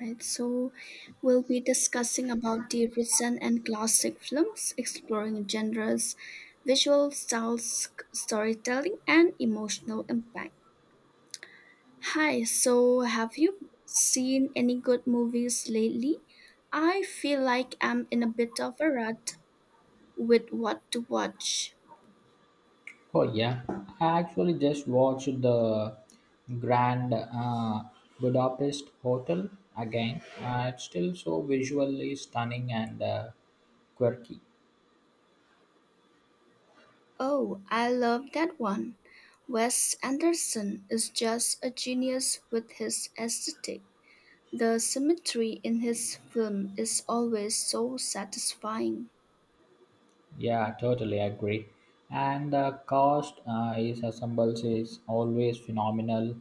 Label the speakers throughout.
Speaker 1: Right, so we'll be discussing about the recent and classic films, exploring genres, visual styles, storytelling, and emotional impact. Hi, so have you seen any good movies lately? I feel like I'm in a bit of a rut with what to watch.
Speaker 2: Oh yeah, I actually just watched the Grand Budapest Hotel again. It's still so visually stunning and quirky.
Speaker 1: Oh, I love that one. Wes Anderson is just a genius with his aesthetic. The symmetry in his film is always so satisfying.
Speaker 2: Yeah, totally agree. And the cast is assembles is always phenomenal.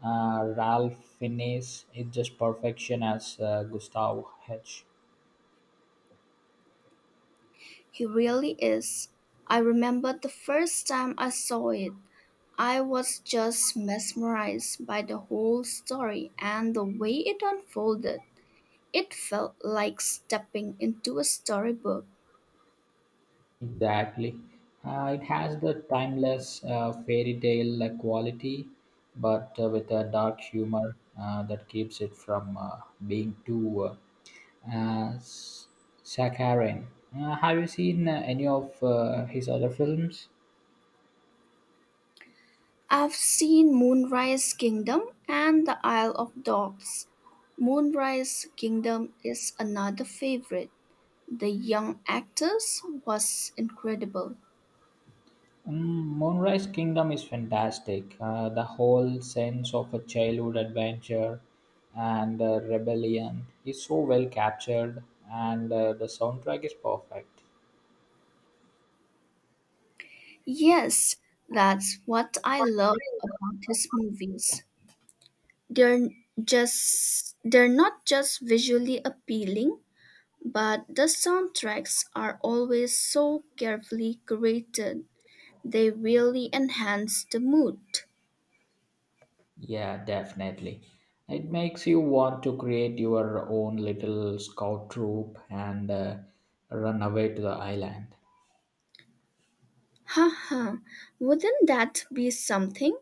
Speaker 2: Ralph Fiennes is just perfection as Gustav H.
Speaker 1: He really is. I remember the first time I saw it. I was just mesmerized by the whole story and the way it unfolded. It felt like stepping into a storybook.
Speaker 2: Exactly. It has the timeless fairy tale quality, but with a dark humor that keeps it from being too uh, uh, s- saccharine. Have you seen any of his other films?
Speaker 1: I've seen Moonrise Kingdom and The Isle of Dogs. Moonrise Kingdom is another favorite. The young actors was incredible.
Speaker 2: Mm, Moonrise Kingdom is fantastic. The whole sense of a childhood adventure and rebellion is so well captured, and the soundtrack is perfect.
Speaker 1: Yes, that's what I love about his movies. They're just they're not just visually appealing, but the soundtracks are always so carefully curated. They really enhance the mood.
Speaker 2: Yeah, definitely. It makes you want to create your own little scout troop and run away to the island.
Speaker 1: Haha, wouldn't that be something?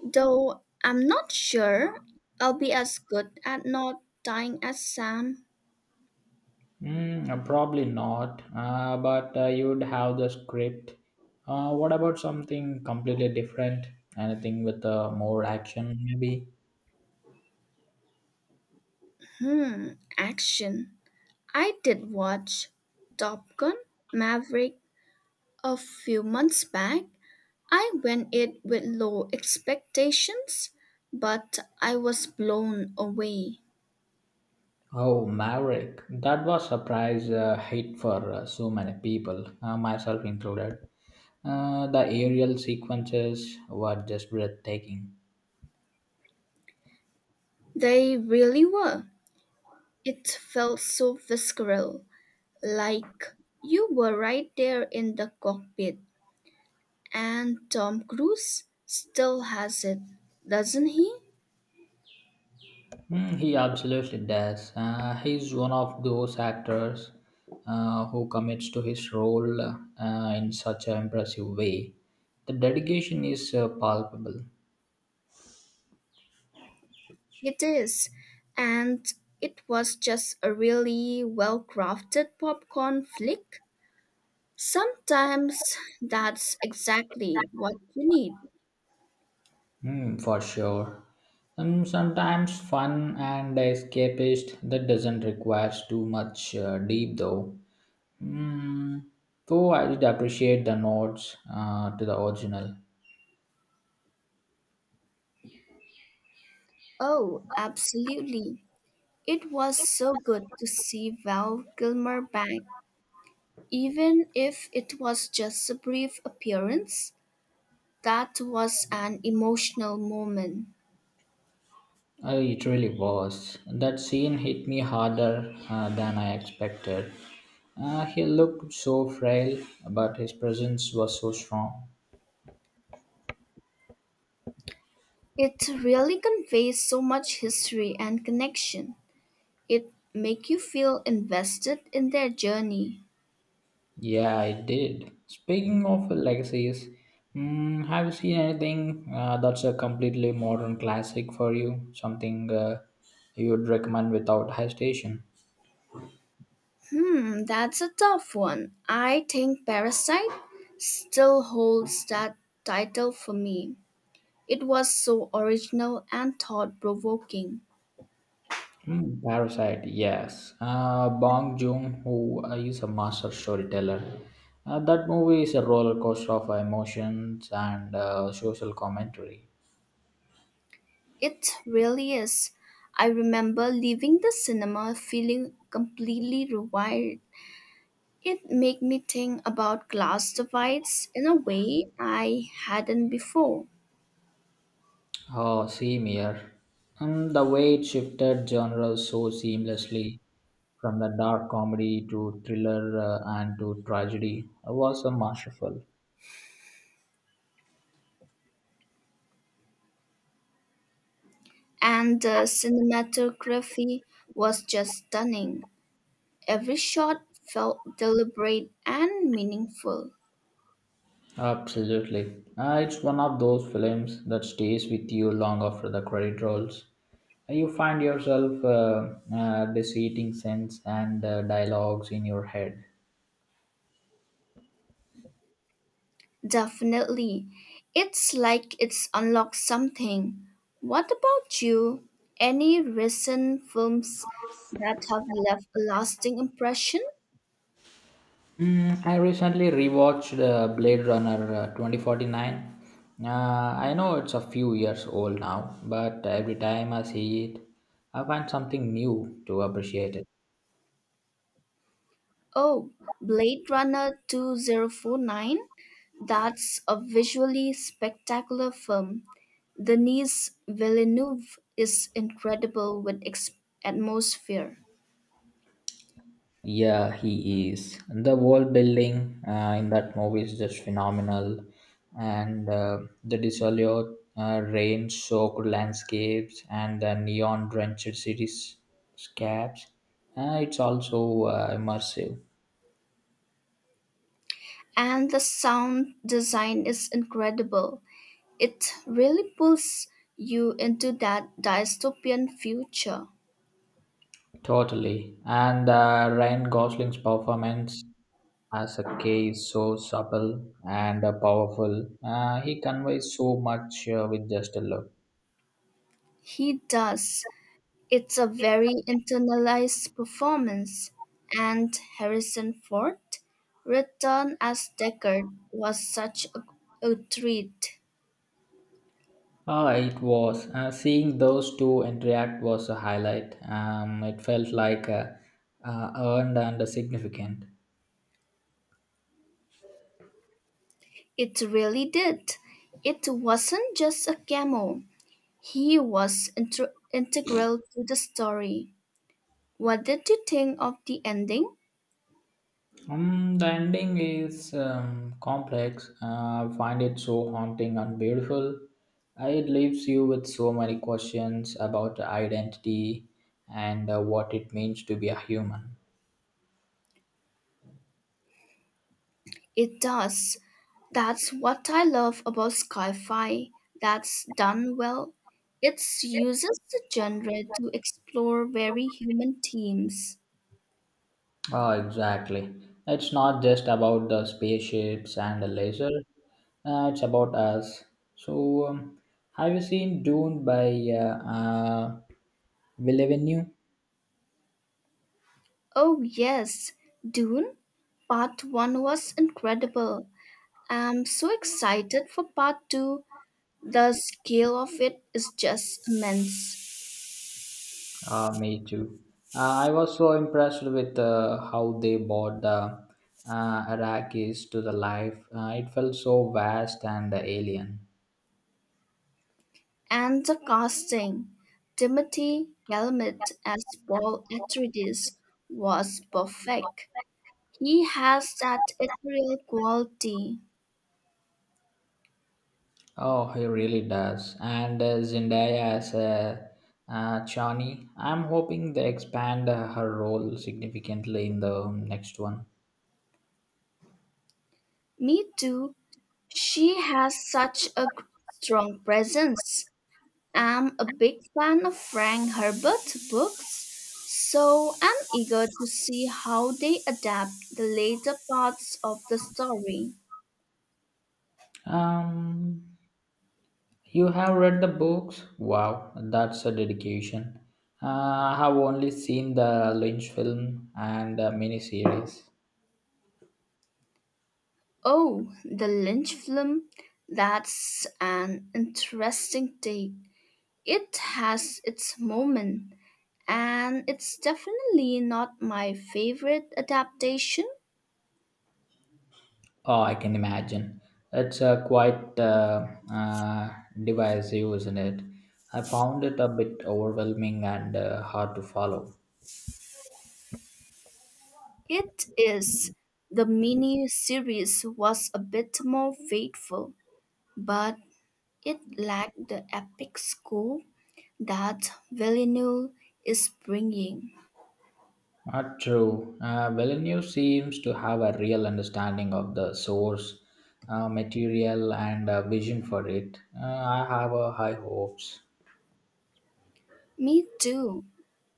Speaker 1: Though I'm not sure I'll be as good at not dying as Sam.
Speaker 2: Probably not, but you would have the script. What about something completely different? Anything with more action, maybe?
Speaker 1: Hmm, action. I did watch Top Gun Maverick a few months back. I went in with low expectations, but I was blown away.
Speaker 2: Oh, Maverick. That was surprise hit for so many people, myself included. The aerial sequences were just breathtaking.
Speaker 1: They really were. It felt so visceral, like you were right there in the cockpit. And Tom Cruise still has it, doesn't he?
Speaker 2: Mm, he absolutely does. He's one of those actors who commits to his role in such an impressive way. The dedication is palpable,
Speaker 1: It is, and it was just a really well crafted popcorn flick. Sometimes that's exactly what you need.
Speaker 2: mm, for sure. Sometimes fun and escapist that doesn't require too much deep though. Mm, though I did appreciate the nods to the original.
Speaker 1: Oh, absolutely. It was so good to see Val Kilmer back, even if it was just a brief appearance. That was an emotional moment.
Speaker 2: It really was. That scene hit me harder than I expected. He looked so frail, but his presence was so strong.
Speaker 1: It really conveys so much history and connection. It make you feel invested in their journey.
Speaker 2: Yeah, I did. Speaking of legacies, mm, have you seen anything that's a completely modern classic for you? Something you'd recommend without hesitation?
Speaker 1: Hmm, that's a tough one. I think Parasite still holds that title for me. It was so original and thought provoking.
Speaker 2: Hmm, Parasite, yes. Bong Joon-ho is a master storyteller. That movie is a roller coaster of emotions and social commentary.
Speaker 1: It really is. I remember leaving the cinema feeling completely rewired. It made me think about class divides in a way I hadn't before.
Speaker 2: Oh, same here. And the way it shifted genres so seamlessly from the dark comedy to thriller and to tragedy was masterful.
Speaker 1: And the cinematography was just stunning. Every shot felt deliberate and meaningful.
Speaker 2: Absolutely. It's one of those films that stays with you long after the credit rolls. You find yourself deciding sense and dialogues in your head.
Speaker 1: Definitely. It's like it's unlocked something. What about you? Any recent films that have left a lasting impression?
Speaker 2: Mm, I recently rewatched Blade Runner 2049. I know it's a few years old now, but every time I see it, I find something new to appreciate it.
Speaker 1: Oh, Blade Runner 2049? That's a visually spectacular film. Denis Villeneuve is incredible with atmosphere.
Speaker 2: Yeah, he is. The world building in that movie is just phenomenal, and the desolate, rain-soaked landscapes and the neon-drenched cityscapes. It's also immersive.
Speaker 1: And the sound design is incredible. It really pulls you into that dystopian future.
Speaker 2: Totally. And Ryan Gosling's performance as a K is so subtle and powerful. He conveys so much with just a look.
Speaker 1: He does. It's a very internalized performance. And Harrison Ford, returned as Deckard, was such a treat.
Speaker 2: Ah, it was. Seeing those two interact was a highlight. It felt like earned and significant.
Speaker 1: It really did. It wasn't just a cameo. He was integral to the story. What did you think of the ending?
Speaker 2: The ending is complex. I find it so haunting and beautiful. It leaves you with so many questions about identity and what it means to be a human.
Speaker 1: It does. That's what I love about sci-fi. That's done well. It uses the genre to explore very human themes.
Speaker 2: Ah, exactly. It's not just about the spaceships and the laser. It's about us. So, have you seen Dune by Villeneuve?
Speaker 1: Oh yes, Dune. Part 1 was incredible. I'm so excited for part 2. The scale of it is just immense.
Speaker 2: Me too. I was so impressed with how they brought the Iraqis to the life. It felt so vast and alien.
Speaker 1: And the casting. Timothy Galamet as Paul Atreides was perfect. He has that ethereal quality.
Speaker 2: Oh, he really does. And Zendaya as a Chani, I'm hoping they expand her role significantly in the next one.
Speaker 1: Me too. She has such a strong presence. I'm a big fan of Frank Herbert's books, so I'm eager to see how they adapt the later parts of the story.
Speaker 2: Um, you have read the books? Wow, that's a dedication. Uh, I have only seen the Lynch film and the miniseries.
Speaker 1: Oh, the Lynch film? That's an interesting take. It has its moment, and it's definitely not my favorite adaptation.
Speaker 2: Oh, I can imagine. It's quite uh, divisive, isn't it? I found it a bit overwhelming and hard to follow.
Speaker 1: It is. The mini series was a bit more faithful, but it lacked the epic scope that Villeneuve is bringing.
Speaker 2: Not true. Villeneuve seems to have a real understanding of the source material and a vision for it. I have high hopes.
Speaker 1: Me too.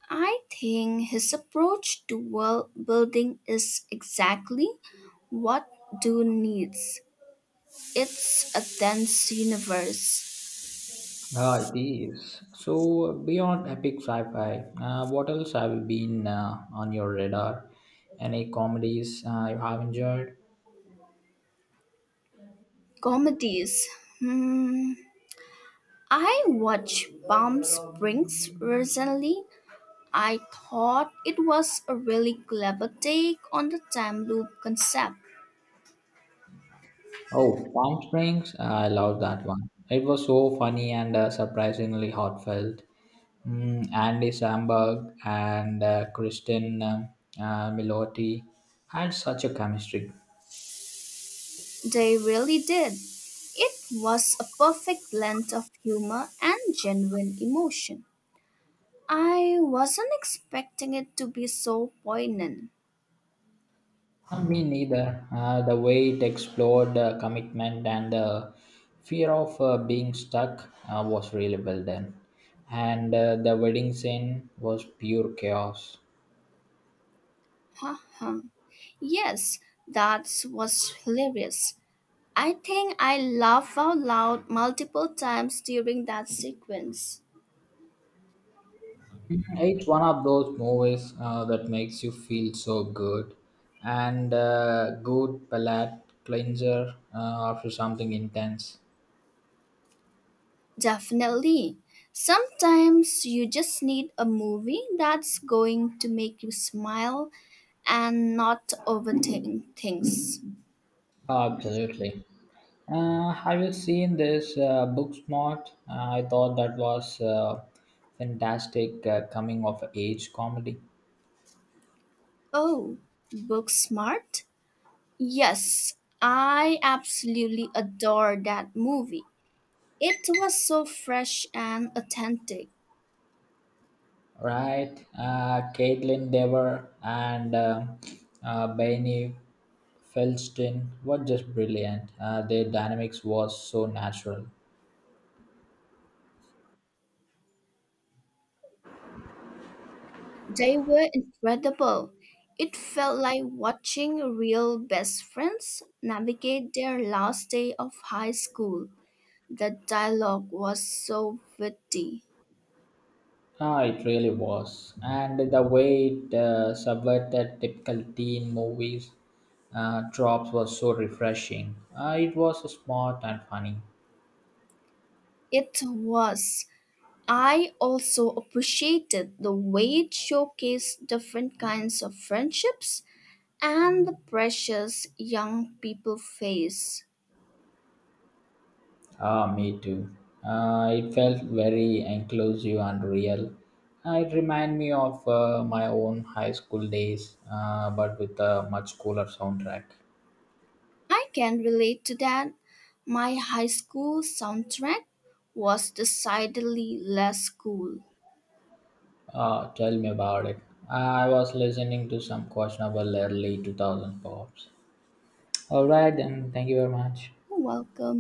Speaker 1: I think his approach to world building is exactly what Dune needs. It's a dense universe.
Speaker 2: Ah, it is. So, beyond epic sci fi, what else have you been on your radar? Any comedies you have enjoyed?
Speaker 1: Comedies. Hmm. I watched Palm Springs recently. I thought it was a really clever take on the time loop concept.
Speaker 2: Oh, Palm Springs. Ah, I love that one. It was so funny and surprisingly heartfelt. Mm, Andy Samberg and Kristen Milotti had such a chemistry.
Speaker 1: They really did. It was a perfect blend of humor and genuine emotion. I wasn't expecting it to be so poignant.
Speaker 2: Me neither. The way it explored commitment and the fear of being stuck was really well done. And the wedding scene was pure chaos.
Speaker 1: Ha ha. Yes, that was hilarious. I think I laughed out loud multiple times during that sequence.
Speaker 2: Mhm. It's one of those movies that makes you feel so good and good palate cleanser after something intense.
Speaker 1: Definitely. Sometimes you just need a movie that's going to make you smile and not overthink things.
Speaker 2: Absolutely. Have you seen this Booksmart? I thought that was fantastic coming of age comedy,
Speaker 1: Oh, book smart? Yes, I absolutely adore that movie. It was so fresh and authentic.
Speaker 2: right? Caitlin Dever and Benny Feldstein were just brilliant. Their dynamics was so natural.
Speaker 1: They were incredible. It felt like watching real best friends navigate their last day of high school. The dialogue was so witty.
Speaker 2: Ah, it really was, and the way it subverted typical teen movies tropes was so refreshing. It was smart and funny.
Speaker 1: It was. I also appreciated the way it showcased different kinds of friendships and the pressures young people face.
Speaker 2: Ah, me too. It felt very inclusive and real. It reminded me of my own high school days, but with a much cooler soundtrack.
Speaker 1: I can relate to that. My high school soundtrack was decidedly less cool.
Speaker 2: Tell me about it. Ah, I was listening to some questionable early 2000 pops. All right, then. Thank you very much.
Speaker 1: You're welcome.